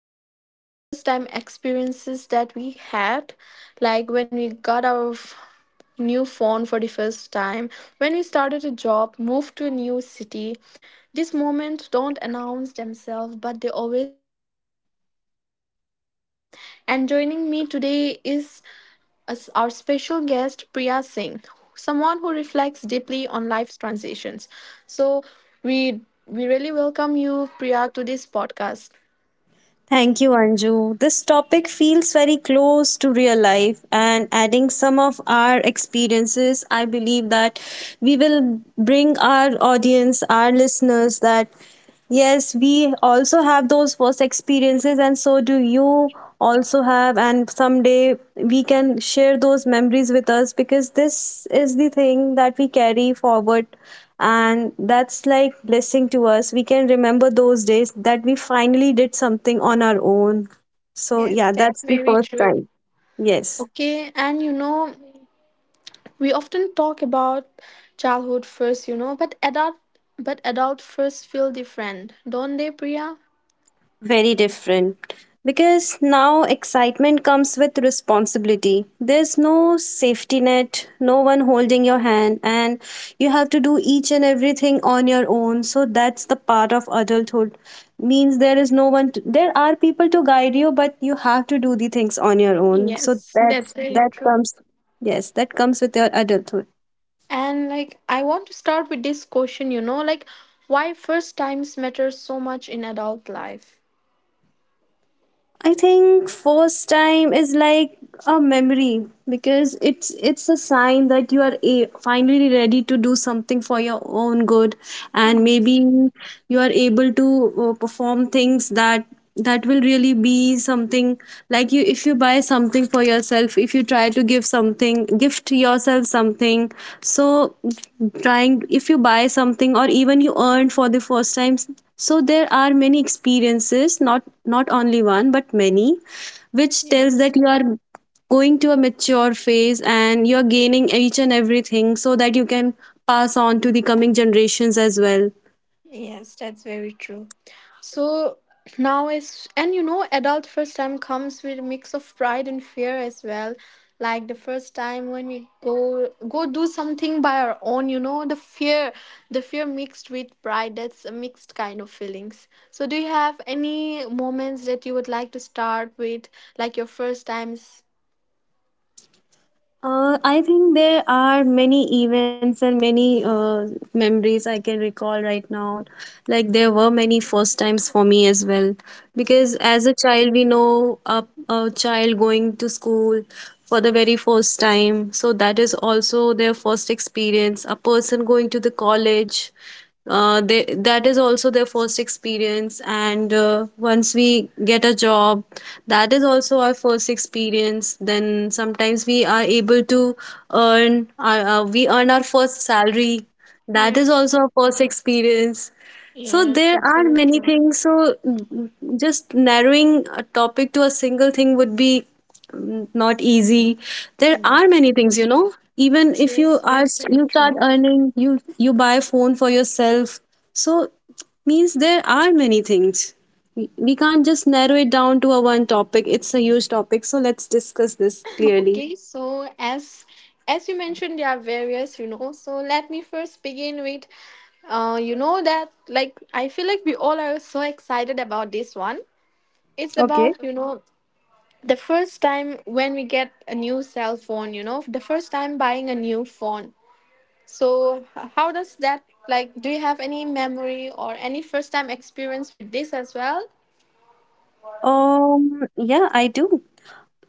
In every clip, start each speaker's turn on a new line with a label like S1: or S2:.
S1: about the first time experiences that we had, like when we got our new phone for the first time, when we started a job, moved to a new city. These moments don't announce themselves, but they always leave a mark. And joining me today is our special guest, Priya Singh, someone who reflects deeply on life's transitions. So, we we really welcome you, Priya, to this podcast.
S2: Thank you, Anju. This topic feels very close to real life, and adding some of our experiences, I believe that we will bring our audience, our listeners, that yes, we also have those first experiences, and so do you also have, and someday we can share those memories with us, because this is the thing that we carry forward, and that's like blessing to us. We can remember those days that we finally did something on our own. So yeah,
S1: Yes, that's
S2: that's the
S1: very
S2: first
S1: true.
S2: time. Yes.
S1: Okay, and you know, we often talk about childhood first, you know, but adult first feel different, don't they, Priya?
S2: Very different. Because now excitement comes with responsibility. There's no safety net, no one holding your hand, and you have to do each and everything on your own. So that's the part of adulthood. Means there is no one, to, there are people to guide you, but you have to do the things on your own. So
S1: That's
S2: that's,
S1: very
S2: that
S1: true.
S2: comes, yes, that comes with your adulthood.
S1: And like I want to start with this question, you know, like why first times matter so much in adult life.
S2: I think first time is like a memory, because it's a sign that you are a, finally ready to do something for your own good, and maybe
S1: Yes.
S2: you are able to perform things that that will really be something, like you, if you buy something for yourself, if you try to give something gift yourself something. So trying, if you buy something, or even you earned for the first time, so there are many experiences, not not only one but many, which tells
S1: Yes,
S2: that you are going to a mature phase and you are gaining each and everything, so that you can pass on to the coming generations as well.
S1: yes, that's very true. So now is and you know adult first time comes with a mix of pride and fear as well. Like the first time when we go do something by our own, you know, the fear mixed with pride, that's a mixed kind of feelings. So do you have any moments that you would like to start with, like your first times?
S2: I think there are many events and many memories I can recall right now. Like there were many first times for me as well, because
S1: Yes,
S2: as a child we know a child going to school for the very first time, so that is also their first experience. A person going to the college, they that is also their first experience, and once we get a job, that is also our first experience. Then sometimes we are able to earn our, we earn our first salary, that is also our first experience. So there are many things, so just narrowing a topic to a single thing would be not easy. There are
S1: yes,
S2: many things, you know, even if you
S1: yes,
S2: are,
S1: that's very
S2: you start
S1: true.
S2: earning, you buy phone for yourself. So means there are many things, we can't just narrow it down to a one topic. It's a huge topic, so let's discuss this clearly.
S1: Okay, so as you mentioned, there are various, you know. So let me first begin with you know that, like, I feel like we all are so excited about this one. It's
S2: Okay.
S1: about, you know, the first time when we get a new cell phone, you know, the first time buying a new phone. So, how does that, like, do you have any memory or any first time experience with this as well?
S2: Yeah, I do.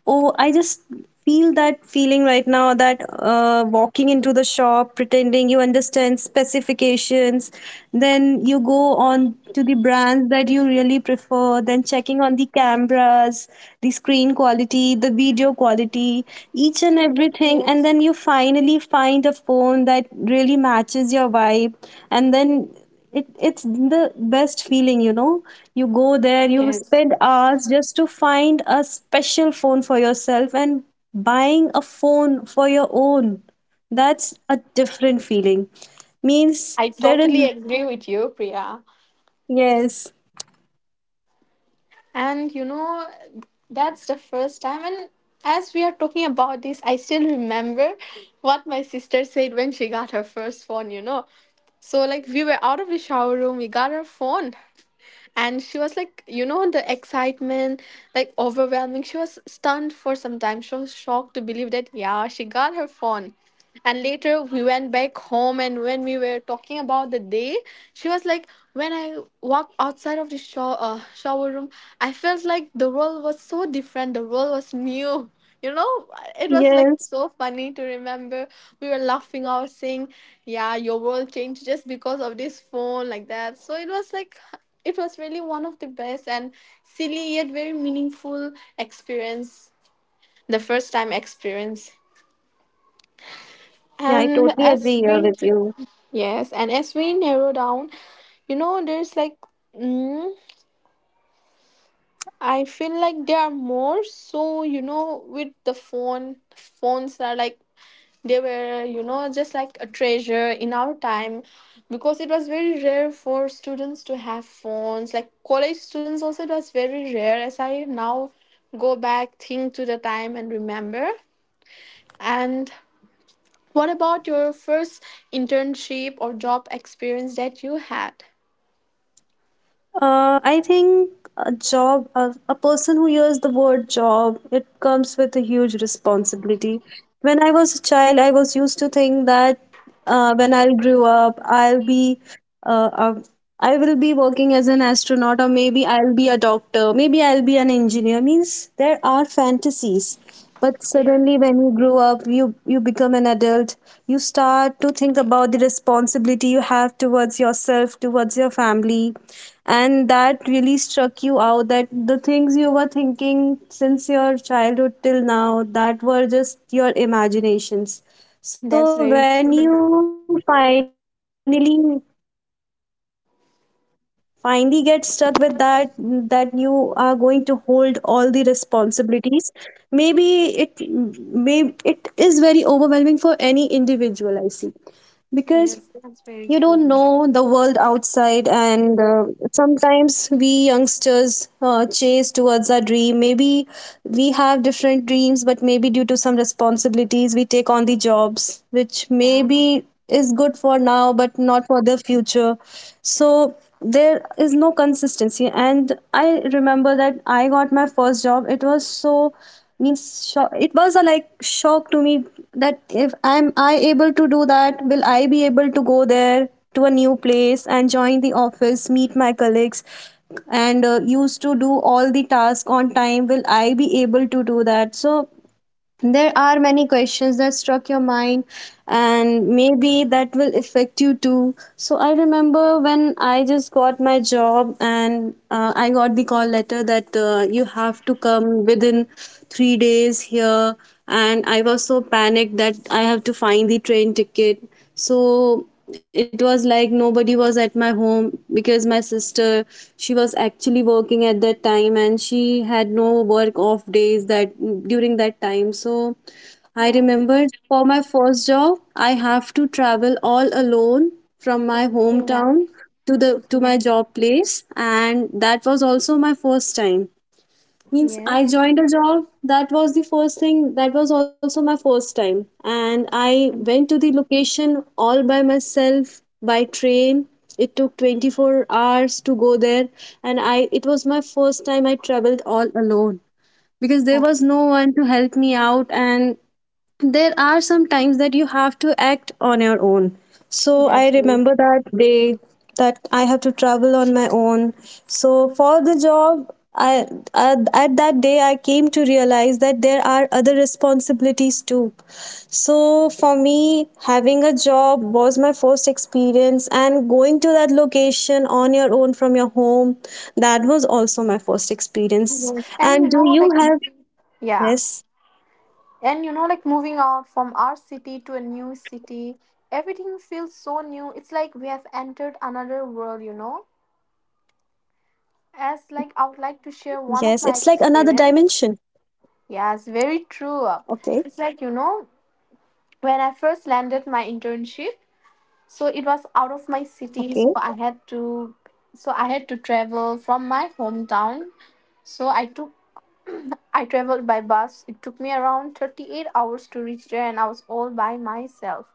S2: Oh, I just feel that feeling right now, that walking into the shop, pretending you understand specifications, then you go on to the brands that you really prefer, then checking on the cameras, the screen quality, the video quality,
S1: Yes,
S2: each and everything, and then you finally find a phone that really matches your vibe, and then it's the best feeling, you know. You go there, you
S1: yes.
S2: spend hours just to find a special phone for yourself and buying a phone for your own. That's a different feeling. Means
S1: I
S2: there is
S1: totally agree with you, Priya.
S2: yes.
S1: And you know, that's the first time. And as we are talking about this, I still remember what my sister said when she got her first phone, you know. So like we were out of the shower room, we got her phone, and she was like, you know, the excitement, like overwhelming. She was stunned for some time. She was shocked to believe that yeah, she got her phone. And later we went back home, and when we were talking about the day, she was like, "When I walked outside of the shower room, I felt like the world was so different. The world was new. You know, it was like
S2: Yes.
S1: so funny to remember. We were laughing out, saying, "Yeah, your world changed just because of this phone, like that." So it was like, it was really one of the best and silly yet very meaningful experience. The first time experience.
S2: Yeah, I
S1: And
S2: totally agree
S1: as
S2: here with
S1: we
S2: you.
S1: Yes, and as we narrow down, you know, there's like, mm, I feel like there are more. So you know, with the phone, phones are like they were, you know, just like a treasure in our time, because it was very rare for students to have phones. Like college students also, it was very rare. As I now go back, think to the time and remember. And what about your first internship or job experience that you had?
S2: I think a job, a person who hears the word job, it comes with a huge responsibility. When I was a child, I was used to think that when I grew up, I'll be, uh, uh, I will be working as an astronaut, or maybe I'll be a doctor, maybe I'll be an engineer. Means there are fantasies, but suddenly when you grow up, you become an adult. You start to think about the responsibility you have towards yourself, towards your family, and that really struck you out, that the things you were thinking since your childhood till now, that were just your imaginations. So
S1: That's
S2: when
S1: very
S2: you
S1: true.
S2: finally get stuck with that, that you are going to hold all the responsibilities, maybe it may it is very overwhelming for any individual, I see, because you don't know the world outside,
S1: Yes,
S2: and
S1: that's very true.
S2: sometimes we youngsters chase towards our dream. Maybe we have different dreams, but maybe due to some responsibilities we take on the jobs which maybe is good for now but
S1: Yeah.
S2: not for the future. So there is no consistency, and I remember that I got my first job. It was so, means, sho it was a like shock to me, that if am I able to do that, will I be able to go there to a new place and join the office, meet my colleagues, and used to do all the task on time, will I be able to do that? So there are many questions that struck your mind, and maybe that will affect you too. So, I remember when I just got my job, and I got the call letter that you have to come within 3 days here. And I was so panicked that I have to find the train ticket. So it was like nobody was at my home, because my sister, she was actually working at that time and she had no work off days that during that time. So I
S1: Yes.
S2: remembered for my first job, I have to travel all alone from my
S1: Okay. Yeah.
S2: hometown to my
S1: Yes.
S2: job place, and that was also my first time. Means I
S1: Yes.
S2: joined a job. That was the first thing. That was also my first time. And I
S1: Mm,
S2: went to the location all by myself by train. It took 24 hours to go there. And I it was my first time I traveled all alone, because there
S1: oh,
S2: was no one to help me out, and there are some times that you have to act on your own. So I
S1: that's very
S2: remember that day, that I have to travel on my own. So for the job, I, at that day I came to realize that there are other responsibilities too. So for me, having a job was my first experience, and going to that location on your own from your home, that was also my first experience.
S1: yes. And
S2: And
S1: you
S2: do
S1: know,
S2: you
S1: like
S2: have
S1: yeah.
S2: yes?
S1: And you know, like moving out from our city to a new city, everything feels so new. It's like we have entered another world, you know.
S2: Yes, it's like another
S1: As like
S2: dimension.
S1: I would like to share one of my experience.
S2: Okay,
S1: Yes, very true. It's like, you know, when I first landed my internship. So it was
S2: okay.
S1: out of my city, so I had to, so I had to travel from my hometown. So I took, I traveled by bus. It took me around 38 hours to reach there and I was all by myself.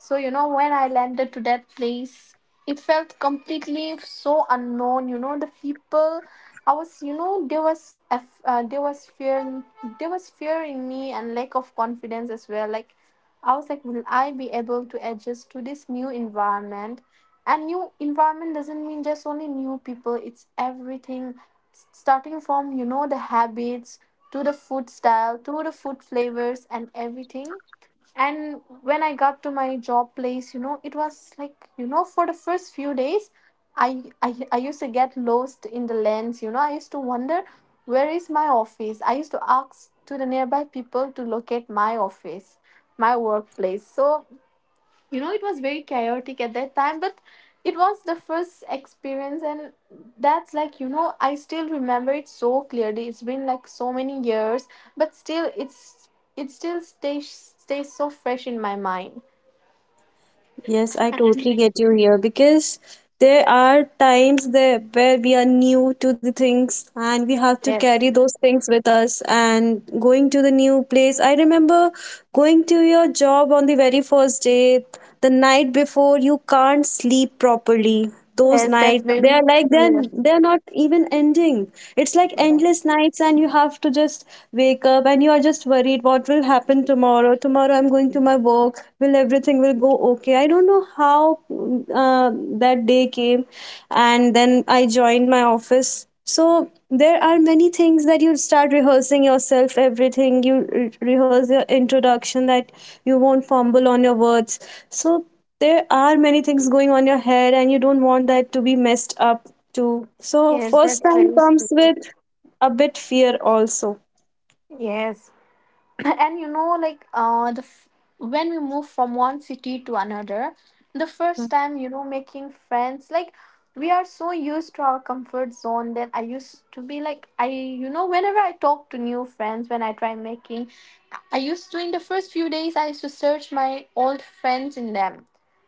S1: So, you know, when I landed to that place, it felt completely so unknown. You know, the people, I was, you know, there was fear in me and lack of confidence as well. Like, I was like, will I be able to adjust to this new environment? And new environment doesn't mean just only new people. It's everything, starting from, you know, the habits to the food style to the food flavors and everything. And when I got to my job place, you know, it was like, you know, for the first few days, I used to get lost in the lanes. You know, I used to wonder where is my office. I used to ask to the nearby people to locate my office, my workplace. So you know, it was very chaotic at that time, but it was the first experience. And that's like, you know, I still remember it so clearly. It's been like so many years, but still it's, it still stays so fresh in my mind.
S2: Yes, I totally get you here, because there are times there where we are new to the things and we have to
S1: Yes,
S2: carry those things with us and going to the new place. I remember going to your job on the very first day, the night before, you can't sleep properly. Those
S1: yes, that's
S2: nights, they
S1: very
S2: are like, then
S1: true.
S2: they're not even ending. It's like endless nights, and you have to just wake up, and you are just worried what will happen tomorrow. Tomorrow I'm going to my work, will everything will go okay, I don't know how uh, that day came, and then I joined my office. So there are many things that you start rehearsing yourself. Everything you rehearse your introduction, that you won't fumble on your words. So there are many things going on your head, and you don't want that to be messed up too. So
S1: Yes,
S2: first
S1: that's
S2: time
S1: very
S2: comes
S1: true.
S2: with a bit fear also.
S1: Yes. And you know, like when we move from one city to another, the first time, you know, making friends, like we are so used to our comfort zone that I used to be like, I, you know, whenever I talk to new friends, when I try making, I used to, in the first few days, I used to search my old friends in them.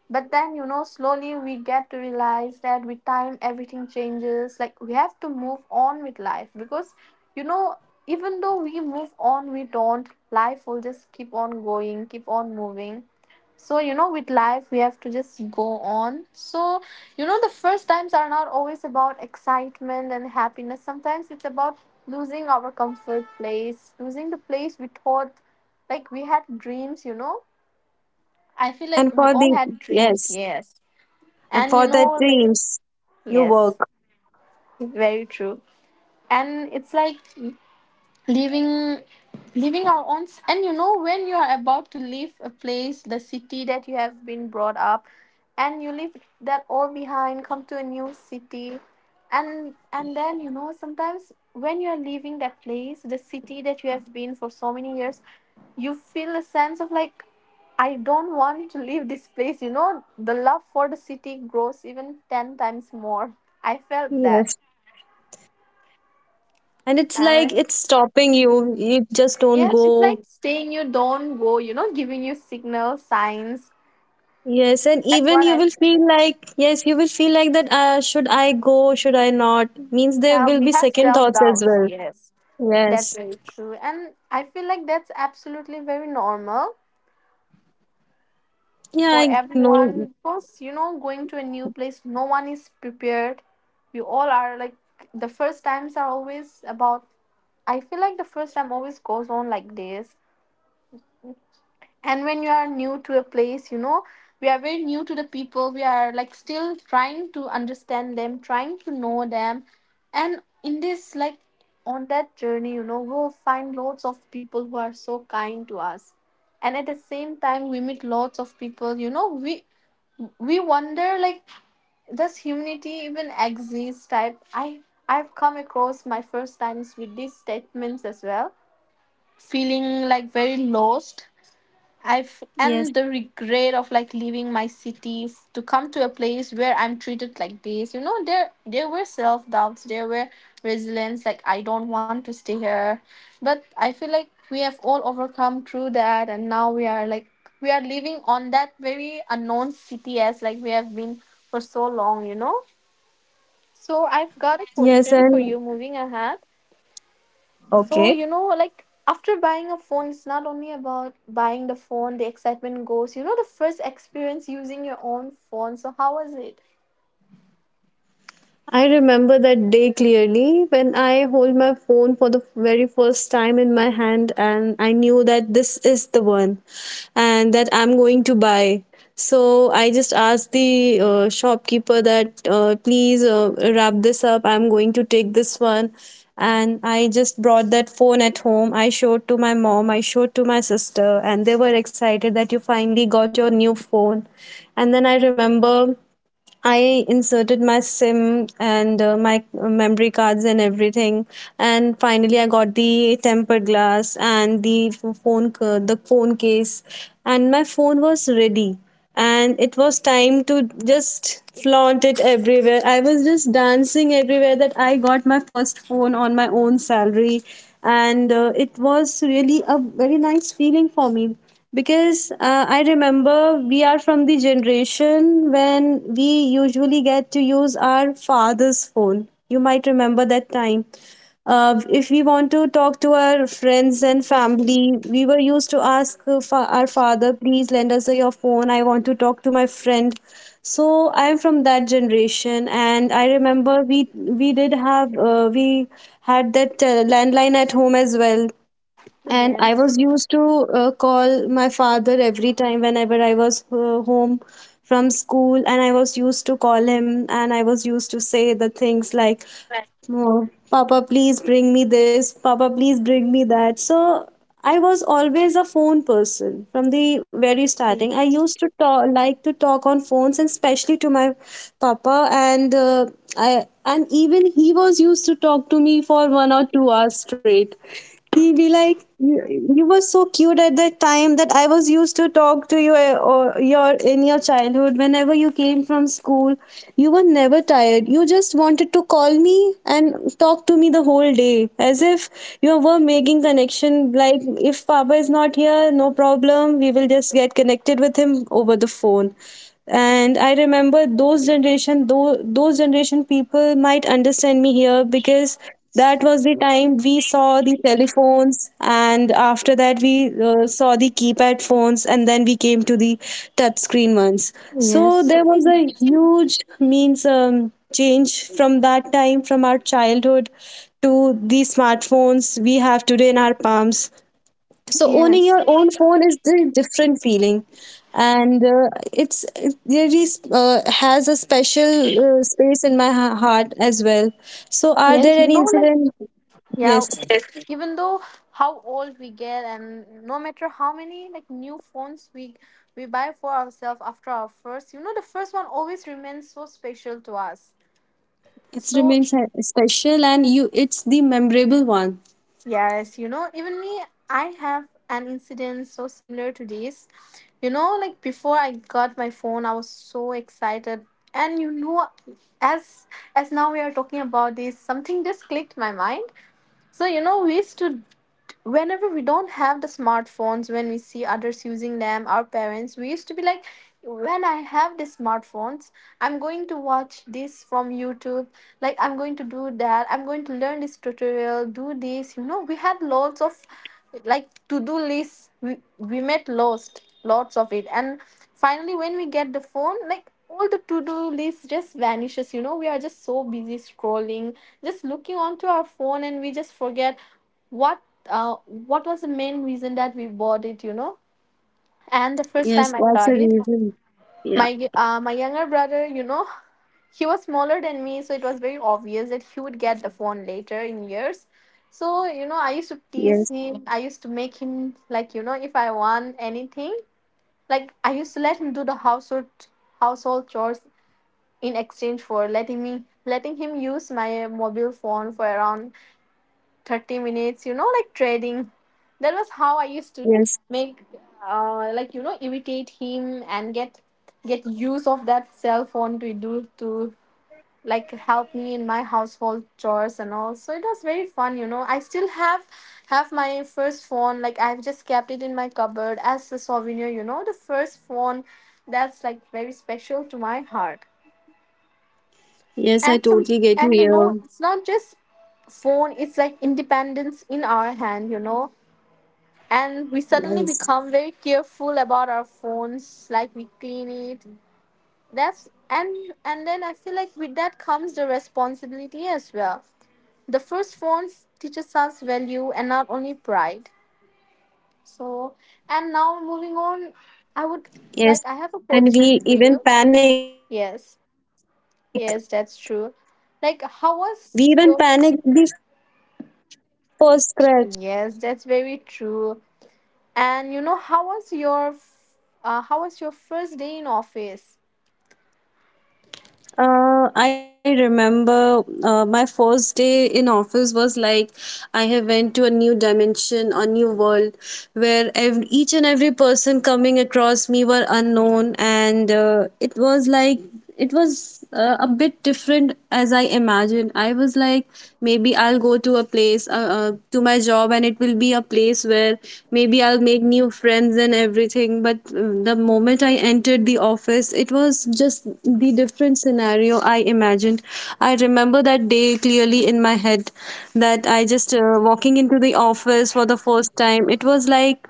S1: But then, you know, slowly we get to realize that with time, everything changes. Like, we have to move on with life because, you know, even though we move on, we don't, life will just keep on going, keep on moving. So, you know, with life, we have to just go on. So, you know, the first times are not always about excitement and happiness. Sometimes it's about losing our comfort place, losing the place we thought, like we had dreams, you know. I feel like
S2: And
S1: we
S2: for
S1: all
S2: the
S1: had dreams,
S2: yes,
S1: yes.
S2: and
S1: And you
S2: for the
S1: know, like
S2: dreams you
S1: yes,
S2: work.
S1: it's very true. And it's like leaving leaving our own and you know when you are about to leave a place, the city that you have been brought up, and you leave that all behind, come to a new city. And then, you know, sometimes when you are leaving that place, the city that you have been for so many years, you feel a sense of like, I don't want to leave this place. You know, the love for the city grows even 10 times more. I felt
S2: Yes,
S1: that.
S2: and it's like it's
S1: And
S2: stopping you, you just don't
S1: yes, it's
S2: go.
S1: like saying you don't go, you know, giving you signals, signs.
S2: Yes, and
S1: That's
S2: even
S1: what
S2: you
S1: I,
S2: will feel like, yes, you will feel like that, should I go, should I not? Means there
S1: yeah,
S2: will
S1: we
S2: be
S1: have
S2: second
S1: self
S2: thoughts as
S1: doubts.
S2: well.
S1: Yes, that's
S2: Yes.
S1: very true. And I feel like that's absolutely very normal
S2: Yeah,
S1: for
S2: I know.
S1: everyone because, you know, going to a new place, no one is prepared. We all are like, the first times are always about, I feel like the first time always goes on like this. And when you are new to a place, you know, we are very new to the people. We are like still trying to understand them, trying to know them. And in this, like on that journey, you know, we'll find lots of people who are so kind to us. And at the same time, we meet lots of people, you know, we wonder like does humanity even exist type. I, I've come across my first times with these statements as well, feeling like very
S2: Yes.
S1: lost. I've and the regret of like leaving my city to come to a place where I'm treated like this. You know, there were self doubts, there were resilience, like I don't want to stay here. But I feel like we have all overcome through that, and now we are like, we are living on that very unknown city as like we have been for so long, you know. So I've got a
S2: Yes,
S1: question for you
S2: and
S1: moving ahead. So, you
S2: okay.
S1: know, like after buying a phone, it's not only about buying the phone, the excitement goes, you know, the first experience using your own phone. So, how was it?
S2: I remember that day clearly, when I hold my phone for the very first time in my hand, and I knew that this is the one and that I'm going to buy. So I just asked the shopkeeper that please wrap this up. I'm going to take this one. And I just brought that phone at home. I showed to my mom, I showed to my sister, and they were excited that you finally got your new phone. And then I remember I inserted my SIM and my memory cards and everything, and finally I got the tempered glass and the phone the phone case, and my phone was ready, and it was time to just flaunt it everywhere. I was just dancing everywhere that I got my first phone on my own salary, and it was really a very nice feeling for me, because I remember we are from the generation when we usually get to use our father's phone. You might remember that time. If we want to talk to our friends and family, we were used to ask our father, please lend us your phone. I want to talk to my friend. So I'm from that generation, and I remember we did have we had that landline at home as well, and I
S1: Yes.
S2: was used to call my father every time whenever I was home from school, and I was used to call him, and I was used to say the things like, oh, papa please bring me this, papa please bring me that. So I was always a phone person from the very starting. I
S1: Right.
S2: used to like to talk on phones, and especially to my papa. And I, and even he was used to talk to me for 1 or 2 hours straight. He'd be like, you were so cute at that time that I was used to talk to you or your in your childhood. Whenever you came from school, you were never tired. You just wanted to call me and talk to me the whole day, as if you were making connection. Like, if Papa is not here, no problem. We will just get connected with him over the phone. And I remember those generation, those generation people might understand me here, because that was the time we saw the telephones, and after that we saw the keypad phones, and then we came to the touch screen ones. So
S3: Yes.
S2: there was a huge, means change from that time, from our childhood to the smartphones we have today in our palms. So owning
S3: Yes.
S2: your own phone is the different feeling. And it really has a special space in my heart as well. So are
S3: Yes.
S2: there any incident.
S3: Yeah,
S2: Yes,
S3: even though how old we get and no matter how many like new phones we buy for ourselves after our first, you know, the first one always remains so special to us.
S2: it
S3: So
S2: remains special, and you it's the memorable one.
S3: yes, you know, even me, I have an incident so similar to this. You know, like before I got my phone, I was so excited. And you know, as as now we are talking about this, something just clicked my mind. So you know, we used to whenever we don't have the smartphones, when we see others using them, our parents, we used to be like, when I have the smartphones, I'm going to watch this from YouTube, like I'm going to do that, I'm going to learn this tutorial, do this, you know, we had lots of like to do lists. We made lost lots of it, and finally, when we get the phone, like all the to do list just vanishes. You know, we are just so busy scrolling, just looking onto our phone, and we just forget what what was the main reason that we bought it, you know. And the first
S2: Yes,
S3: time I
S2: that's the
S3: got it,
S2: reason. Yeah.
S3: my younger brother, you know, he was smaller than me, so it was very obvious that he would get the phone later in years. So, you know, I used to
S2: Yes.
S3: tease him, I used to make him, like, you know, if I want anything, like I used to let him do the household chores in exchange for letting him use my mobile phone for around 30 minutes, you know, like trading. That was how I used to
S2: Yes.
S3: make, like, you know, imitate him and get use of that cell phone to like help me in my household chores and all. So it was very fun. You know, I still have my first phone, like I've just kept it in my cupboard as a souvenir, you know, the first phone, that's like very special to my heart.
S2: Yes, I
S3: and some
S2: totally get you
S3: and you know,
S2: here.
S3: it's not just phone, it's like independence in our hand, you know. And we suddenly become very
S2: Yes.
S3: careful about our phones, like we clean it. That's And then I feel like with that comes the responsibility as well. The first phones teaches us value and not only pride. So, and now moving on, I would like I have a
S2: Yes, and we
S3: question for
S2: even
S3: you.
S2: panic. We
S3: Yes
S2: even panic the first
S3: yes
S2: scratch.
S3: that's true like how was your Yes, that's very true. And you know, how was your first day in office?
S2: I remember my first day in office was like, I have went to a new dimension, a new world, where every, each and every person coming across me were unknown, and it was like it was a bit different as I imagined. I was like, maybe I'll go to a place to my job, and it will be a place where maybe I'll make new friends and everything. But the moment I entered the office, it was just the different scenario I imagined. I remember that day clearly in my head, that I just walking into the office for the first time. It was like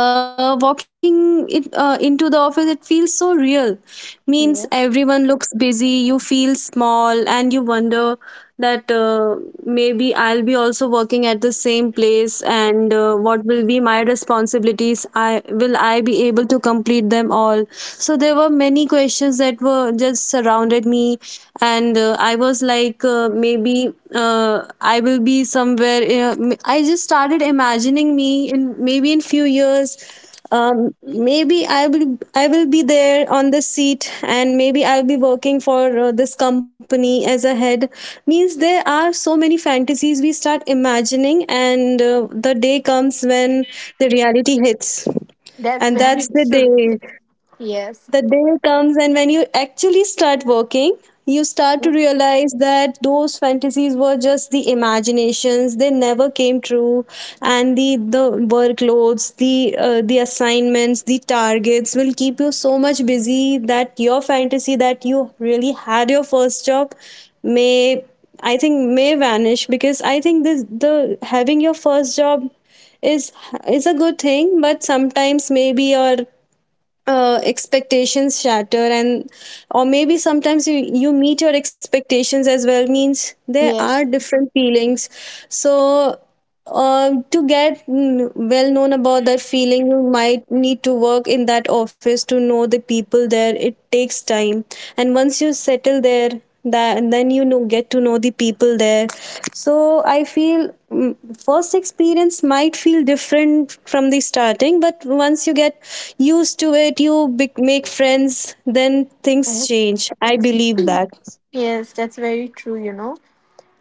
S2: walking it into the office, it feels so real. Means
S3: Yes.
S2: everyone looks busy, you feel small, and you wonder that maybe I'll be also working at the same place, and what will be my responsibilities, I will I be able to complete them all. So there were many questions that were just surrounded me, and I was like, maybe uh, I will be somewhere. I just started imagining me in maybe in few years. Um, Maybe I will be there on this seat, and maybe I'll be working for this company as a head. Means there are so many fantasies we start imagining, and the day comes when the reality hits,
S3: That's
S2: and that's
S3: very
S2: the day,
S3: true. Yes.
S2: the day comes, and when you actually start working, you start to realize that those fantasies were just the imaginations, they never came true. And the workloads, the assignments, the targets will keep you so much busy that your fantasy that you really had your first job may, I think, may vanish. Because I think this, the having your first job is is a good thing, but sometimes maybe your expectations shatter, and or maybe sometimes you meet your expectations as well. Means there are
S3: Yes.
S2: different feelings. So to get well known about that feeling, you might need to work in that office, to know the people there. It takes time. And once you settle there, that and then you know get to know the people there. So I feel, first experience might feel different from the starting, but once you get used to it, you bec make friends, then things
S3: Yes.
S2: change, I believe that.
S3: Yes, that's very true, you know.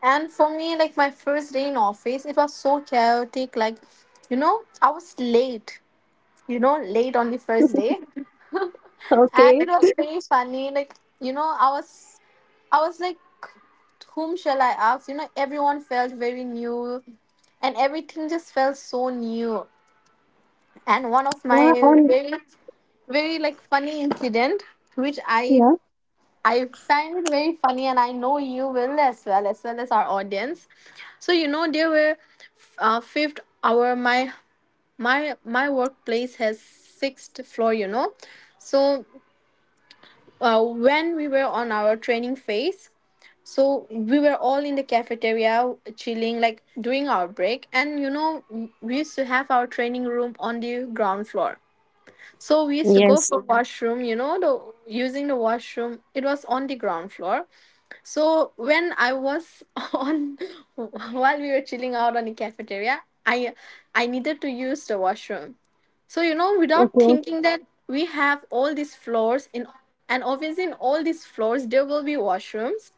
S3: And for me, like my first day in office, it was so chaotic. Like, you know, I was late, you know, late on the first day. And
S2: Okay.
S3: it was very funny. Like, you know, I was like, whom shall I ask? You know, everyone felt very new and everything just felt so new. And one of
S2: Yeah.
S3: my
S2: And
S3: very, very like funny incident which I
S2: yeah.
S3: I find it very funny, and I know you will as well, as well as our audience. So you know, there were, fifth hour. My workplace has sixth floor. You know, so when we were on our training phase, so we were all in the cafeteria chilling, like doing our break, and you know, we used to have our training room on the ground floor. So we used to go
S2: Yes.
S3: for, mhm, washroom, you know, the using the washroom. It was on the ground floor, so when I was on, while we were chilling out on the cafeteria, I needed to use the washroom. So you know, without
S2: Okay.
S3: thinking that we have all these floors, in and obviously in all these floors there will be washrooms,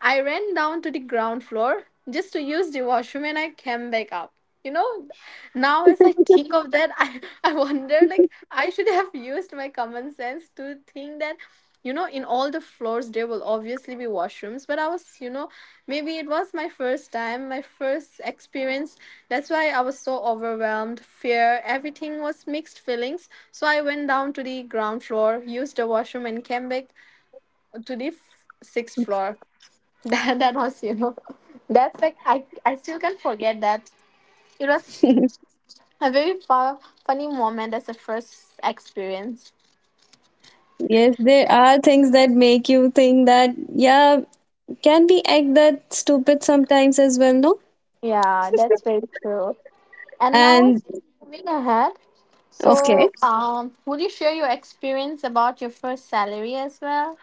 S3: I ran down to the ground floor just to use the washroom and I came back up. You know, now as I think of that, I wonder, like I should have used my common sense to think that, you know, in all the floors there will obviously be washrooms, but I was, you know, maybe it was my first time, my first experience. That's why I was so overwhelmed, fear, everything was mixed feelings. So I went down to the ground floor, used the washroom and came back to the sixth floor. That was, you know, that's like I still can't forget that. It was a very funny moment as a first experience.
S2: Yes, there are things that make you think that, yeah, can we act that stupid sometimes as well, no?
S3: Yeah, that's very true. And now
S2: And
S3: it's moving ahead,
S2: okay.
S3: so would you share your experience about your first salary as well?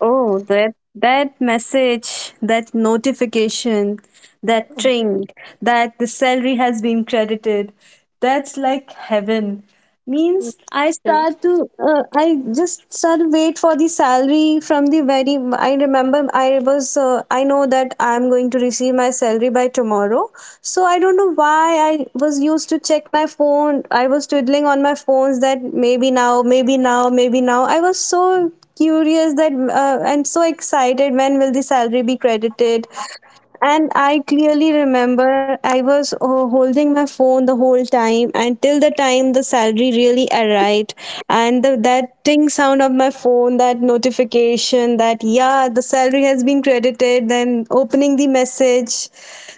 S2: Oh, that that message, that notification, that tring, that the salary has been credited. That's like heaven. Means I
S3: Sure.
S2: start to, I just start to wait for the salary from the very, I remember I was, I know that I'm going to receive my salary by tomorrow. So I don't know why I was used to check my phone. I was twiddling on my phones that maybe now, maybe now, maybe now. I was so curious that and so excited when will the salary be credited. And I clearly remember I was holding my phone the whole time until the time the salary really arrived. And the, that ting sound of my phone, that notification that, yeah, the salary has been credited, then opening the message.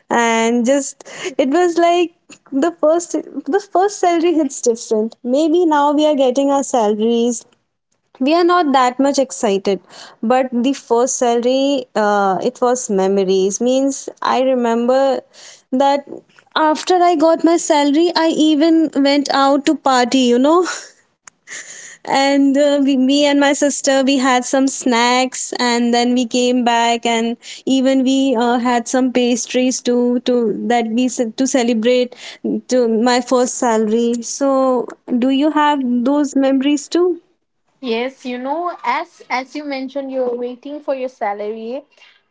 S2: And just, it was like the first salary hits different. Maybe now we are getting our salaries, we are not that much excited, but the first salary it was memories. Means I remember that after I got my salary, I even went out to party, you know. And me and my sister, we had some snacks, and then we came back, and even we had some pastries to that we ce- to celebrate to my first salary. So do you have those memories too?
S3: Yes, you know, as you mentioned, you're waiting for your salary.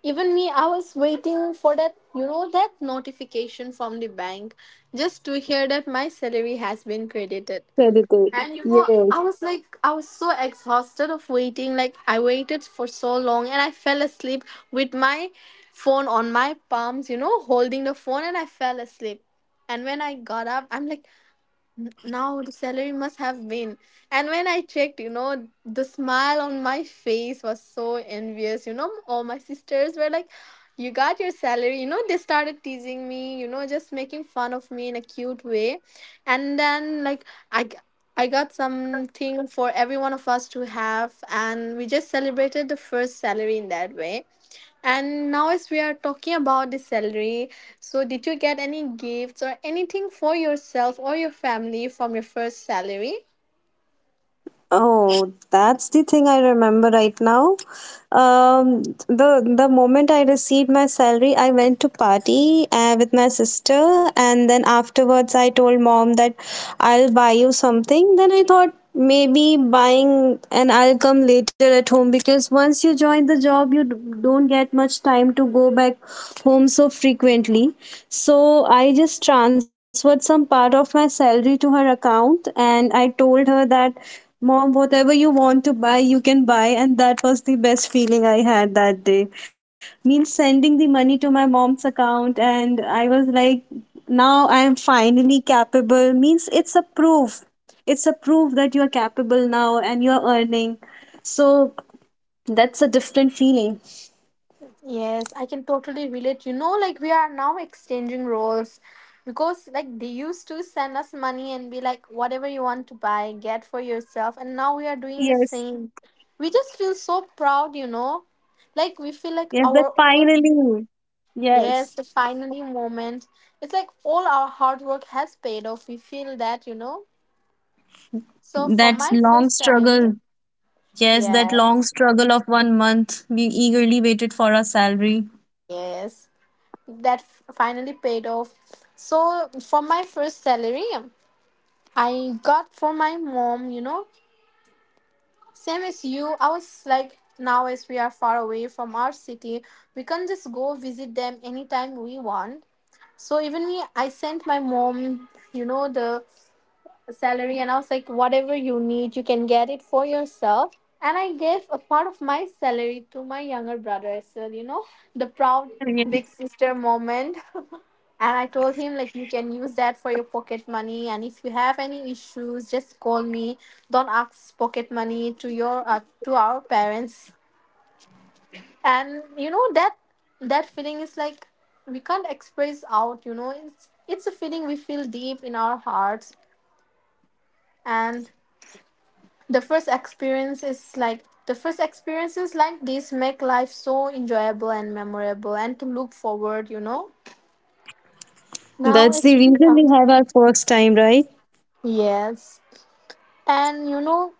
S3: Even me, I was waiting for that, you know, that notification from the bank, just to hear that my salary has been credited.
S2: Celebrate.
S3: And you know,
S2: Yes.
S3: I was like, I was so exhausted of waiting. Like, I waited for so long and I fell asleep with my phone on my palms, you know, holding the phone, and I fell asleep. And when I got up, I'm like, now the salary must have been. And when I checked, you know, the smile on my face was so envious. You know, all my sisters were like, you got your salary. You know, they started teasing me, you know, just making fun of me in a cute way. And then, like, I. I got something for every one of us to have, and we just celebrated the first salary in that way. And now, as we are talking about the salary, so did you get any gifts or anything for yourself or your family from your first salary?
S2: Oh, that's the thing I remember right now. Um, the moment I received my salary, I went to party with my sister, and then afterwards, I told mom that I'll buy you something. Then I thought maybe buying and I'll come later at home, because once you join the job, don't get much time to go back home so frequently. So I just transferred some part of my salary to her account, and I told her that Mom, whatever you want to buy, you can buy. And that was the best feeling I had that day. Means sending the money to my mom's account, and I was like, now I am finally capable. Means it's a proof. It's a proof that you are capable now and you are earning. So that's a different feeling.
S3: Yes, I can totally relate. You know, like we are now exchanging roles, because like they used to send us money and be like whatever you want to buy, get for yourself, and now we are doing the
S2: Yes.
S3: same. We just feel so proud, you know. Like we feel like
S2: Yes, that
S3: our own,
S2: finally.
S3: yes, the
S2: Yes.
S3: finally moment. It's like all our hard work has paid off. We feel that, you know. So from
S2: That
S3: my
S2: long
S3: first salary,
S2: struggle. Yes, that
S3: yeah,
S2: long struggle of one month. We eagerly waited for our salary.
S3: yes. That finally paid off. So from my first salary, I got for my mom, you know. Same as you, I was like, now as we are far away from our city, we can just go visit them anytime we want. So even me, I sent my mom, you know, the salary, and I was like, whatever you need, you can get it for yourself. And I gave a part of my salary to my younger brother as well, you know, the proud big
S2: Yes.
S3: sister moment, and I told him, like, you can use that for your pocket money. And if you have any issues, just call me. Don't ask pocket money to your to our parents. And you know, that feeling is like, we can't express out. You know, it's a feeling we feel deep in our hearts. And the first experience is like the first experiences like this make life so enjoyable and memorable and to look forward. You know, now
S2: That's the
S3: it's,
S2: reason we
S3: um,
S2: have our first time, right?
S3: yes, and you know,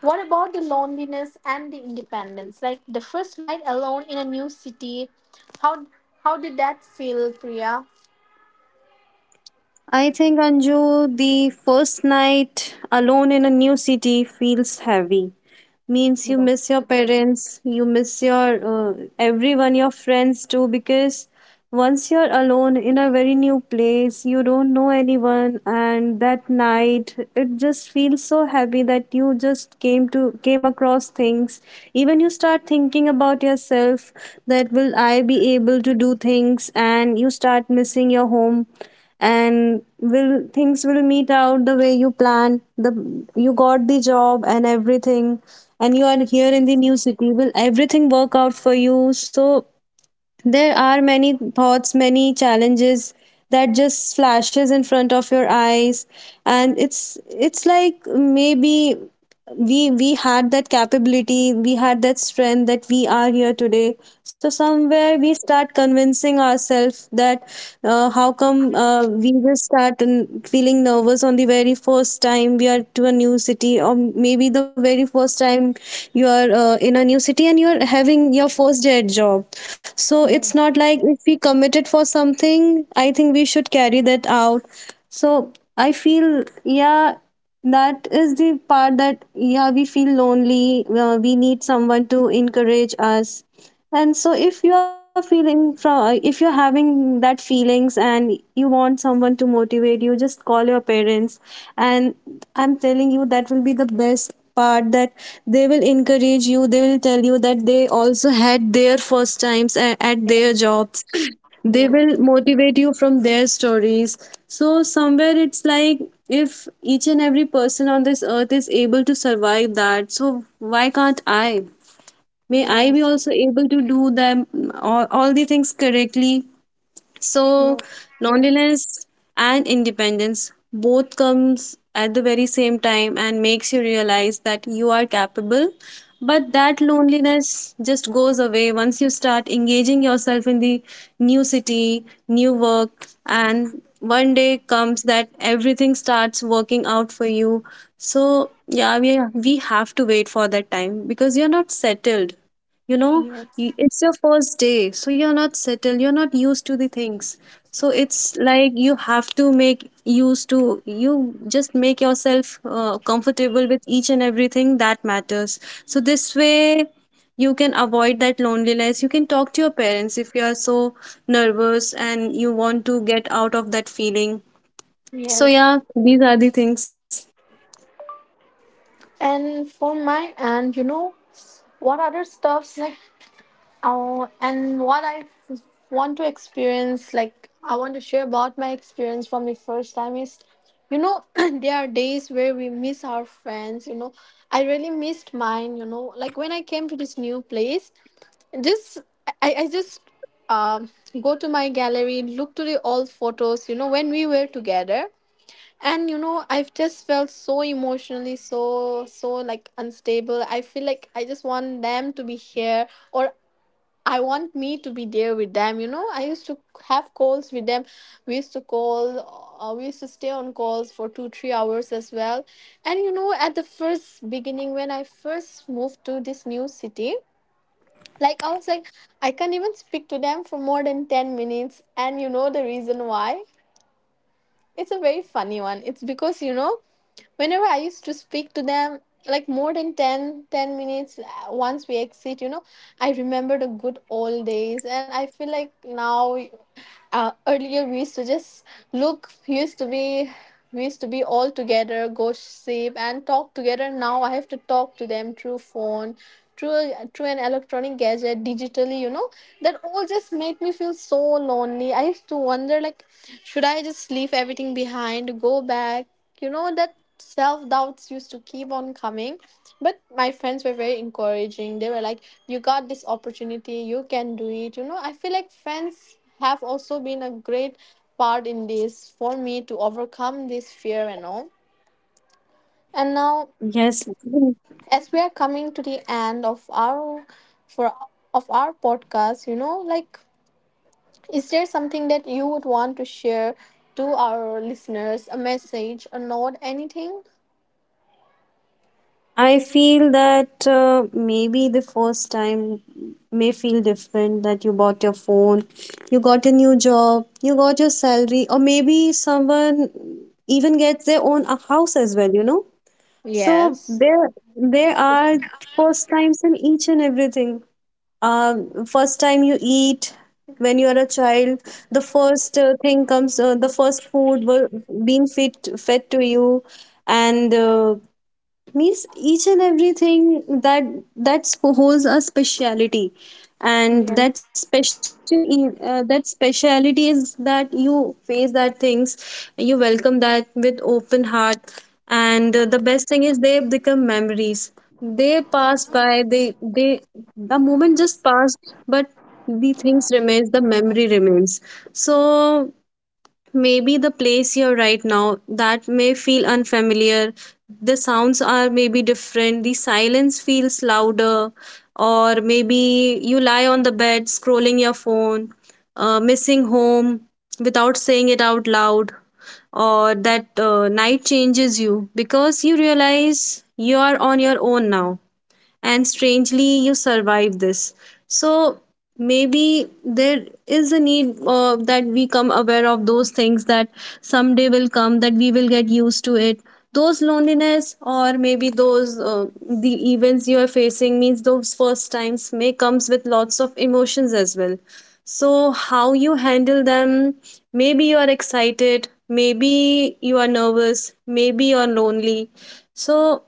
S3: what about the loneliness and the independence? Like the first night alone in a new city, how how did that feel, Priya?
S2: I think, Anju, the first night alone in a new city feels heavy. Means you
S3: That's
S2: miss your
S3: good.
S2: parents, you miss your everyone, your friends too. Because once you're alone in a very new place, you don't know anyone, and that night it just feels so heavy, that you just came to came across things. Even you start thinking about yourself, that will I be able to do things, and you start missing your home. And will things will meet out the way you plan, the you got the job and everything, and you are here in the new city, will everything work out for you. So there are many thoughts, many challenges that just flashes in front of your eyes. And it's like maybe we had that capability, we had that strength, that we are here today. So somewhere we start convincing ourselves that how come we just start and feeling nervous on the very first time we are to a new city, or maybe the very first time you are in a new city and you are having your first day at job. So it's
S3: Yes,
S2: not like if we committed for something, I think we should carry that out. So I feel, yeah, that is the part, that yeah, we feel lonely, we need someone to encourage us. And so if you are feeling from if you're having that feelings and you want someone to motivate you, just call your parents. And I'm telling you, that will be the best part, that they will encourage you, they will tell you that they also had their first times at their
S3: yes,
S2: jobs. They
S3: yes,
S2: will motivate you from their stories. So somewhere it's like, if each and every person on this earth is able to survive that, so why can't I, may I be
S3: yes,
S2: also able to do them all the things correctly. So
S3: yes,
S2: loneliness and independence both comes at the very same time, and makes you realize that you are capable. But that loneliness just goes away once you start engaging yourself in the new city, new work, and one day comes that everything starts working out for you. So yeah, we have to wait for that time, because you're not settled, you know.
S3: yes,
S2: It's your first day, so you're not settled, you're not used to the things. So it's like you have to make used to, you just make yourself comfortable with each and everything that matters. So this way you can avoid that loneliness, you can talk to your parents if you are so nervous and you want to get out of that feeling. So
S3: yes.
S2: yeah, these are the things.
S3: And for my And you know, what other stuffs like? Oh, and what I f- want to experience, like I want to share about my experience from the first time is, you know, there are days where we miss our friends. You know, I really missed mine. You know, like when I came to this new place, just, I just, um go to my gallery, look to the old photos. You know, when we were together, and you know, I've just felt so emotionally, so like unstable. I feel like I just want them to be here, or. I want me to be there with them. You know, I used to have calls with them. We used to call, we used to stay on calls for two, 3 hours as well. And you know, at the first beginning, when I first moved to this new city, like I was like, I can't even speak to them for more than 10 minutes. And you know, the reason why? It's a very funny one. It's because, you know, whenever I used to speak to them like more than 10 10 minutes, once we exit, you know, I remember the good old days and I feel like now, earlier we used to just look we used to be all together, gossip and talk together. Now I have to talk to them through phone, through through an electronic gadget, digitally, you know. That all just made me feel so lonely. I used to wonder, like, should I just leave everything behind, go back, you know, that self doubts used to keep on coming. But my friends were very encouraging, they were like, you got this opportunity, you can do it, you know. I feel like friends have also been a great part in this for me to overcome this fear and all. And now,
S2: Yes.
S3: as we are coming to the end of our for of our podcast, you know, like, is there something that you would want to share to our listeners, a message, a note, anything?
S2: I feel that maybe the first time may feel different, that you bought your phone, you got a new job, you got your salary, or maybe someone even gets their own house as well, you know? So
S3: Yes.
S2: there there are first times in each and everything. First time you eat when you are a child, the first food were being fed to you, and means each and everything that that holds a speciality. And
S3: Yeah.
S2: that that speciality is that you face that things, you welcome that with open heart. And the best thing is they become memories. They pass by, they the moment just passed, but the things remains, the memory remains. So maybe the place you're right now, that may feel unfamiliar, the sounds are maybe different, the silence feels louder, or maybe you lie on the bed scrolling your phone, missing home without saying it out loud, or that night changes you because you realize you are on your own now, and strangely you survive this. So maybe there is a need that we come aware of those things, that someday will come that we will get used to it, those loneliness, or maybe those the events you are facing. Means those first times may comes with lots of emotions as well. So how you handle them, maybe you are excited, maybe you are nervous, maybe you are lonely. So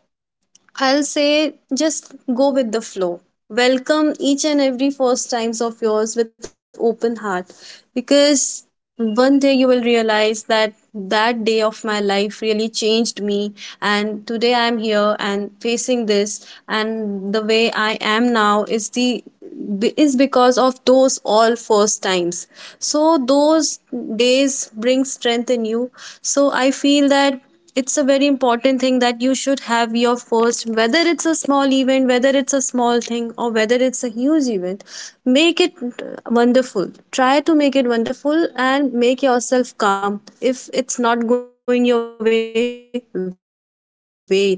S2: I'll say, just go with the flow. Welcome each and every first times of yours with open heart, because one day you will realize that that day of my life really changed me, and today I'm here and facing this, and the way I am now is the is because of those all first times. So those days bring strength in you. So I feel that it's a very important thing that you should have your first, whether it's a small event, whether it's a small thing, or whether it's a huge event, make it wonderful, try to make it wonderful, and make yourself calm. If it's not going your way, wait. Because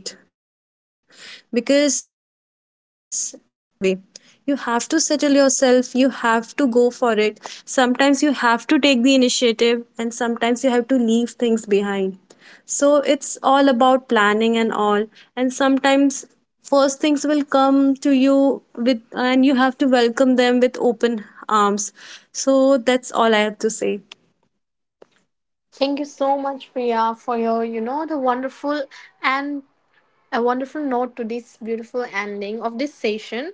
S2: very for every first time is not like it will go your way. You have to settle yourself, you have to go for it. Sometimes you have to take the initiative, and sometimes you have to leave things behind. So it's all about planning and all. And sometimes first things will come to you with, and you have to welcome them with open arms. So that's all I have to say.
S3: Thank you so much, Priya, for your, you know, the wonderful and a wonderful note to this beautiful ending of this session.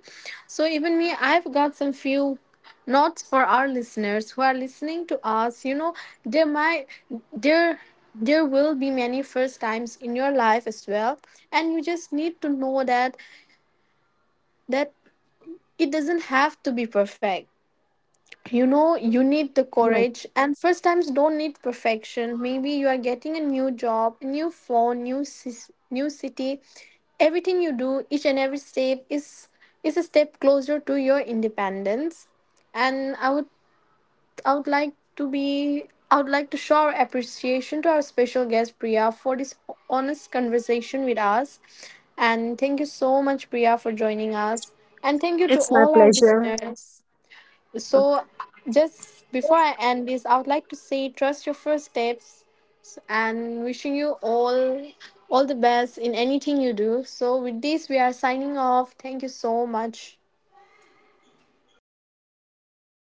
S3: So even me, I've got some few notes for our listeners who are listening to us. You know, there might there there will be many first times in your life as well. And you just need to know that that it doesn't have to be perfect. You know, you
S2: Yes,
S3: need the courage, and first times don't need perfection. Maybe you are getting a new job, a new phone, new new city. Everything you do, each and every step is a step closer to your independence. And I would like to show our appreciation to our special guest Priya for this honest conversation with us. And thank you so much, Priya, for joining us, and thank you to
S2: it's my
S3: all our
S2: pleasure.
S3: listeners. So, just before I end this, I would like to say, trust your first steps, and wishing you all the best in anything you do. So, with this, we are signing off. Thank you so much, Priya.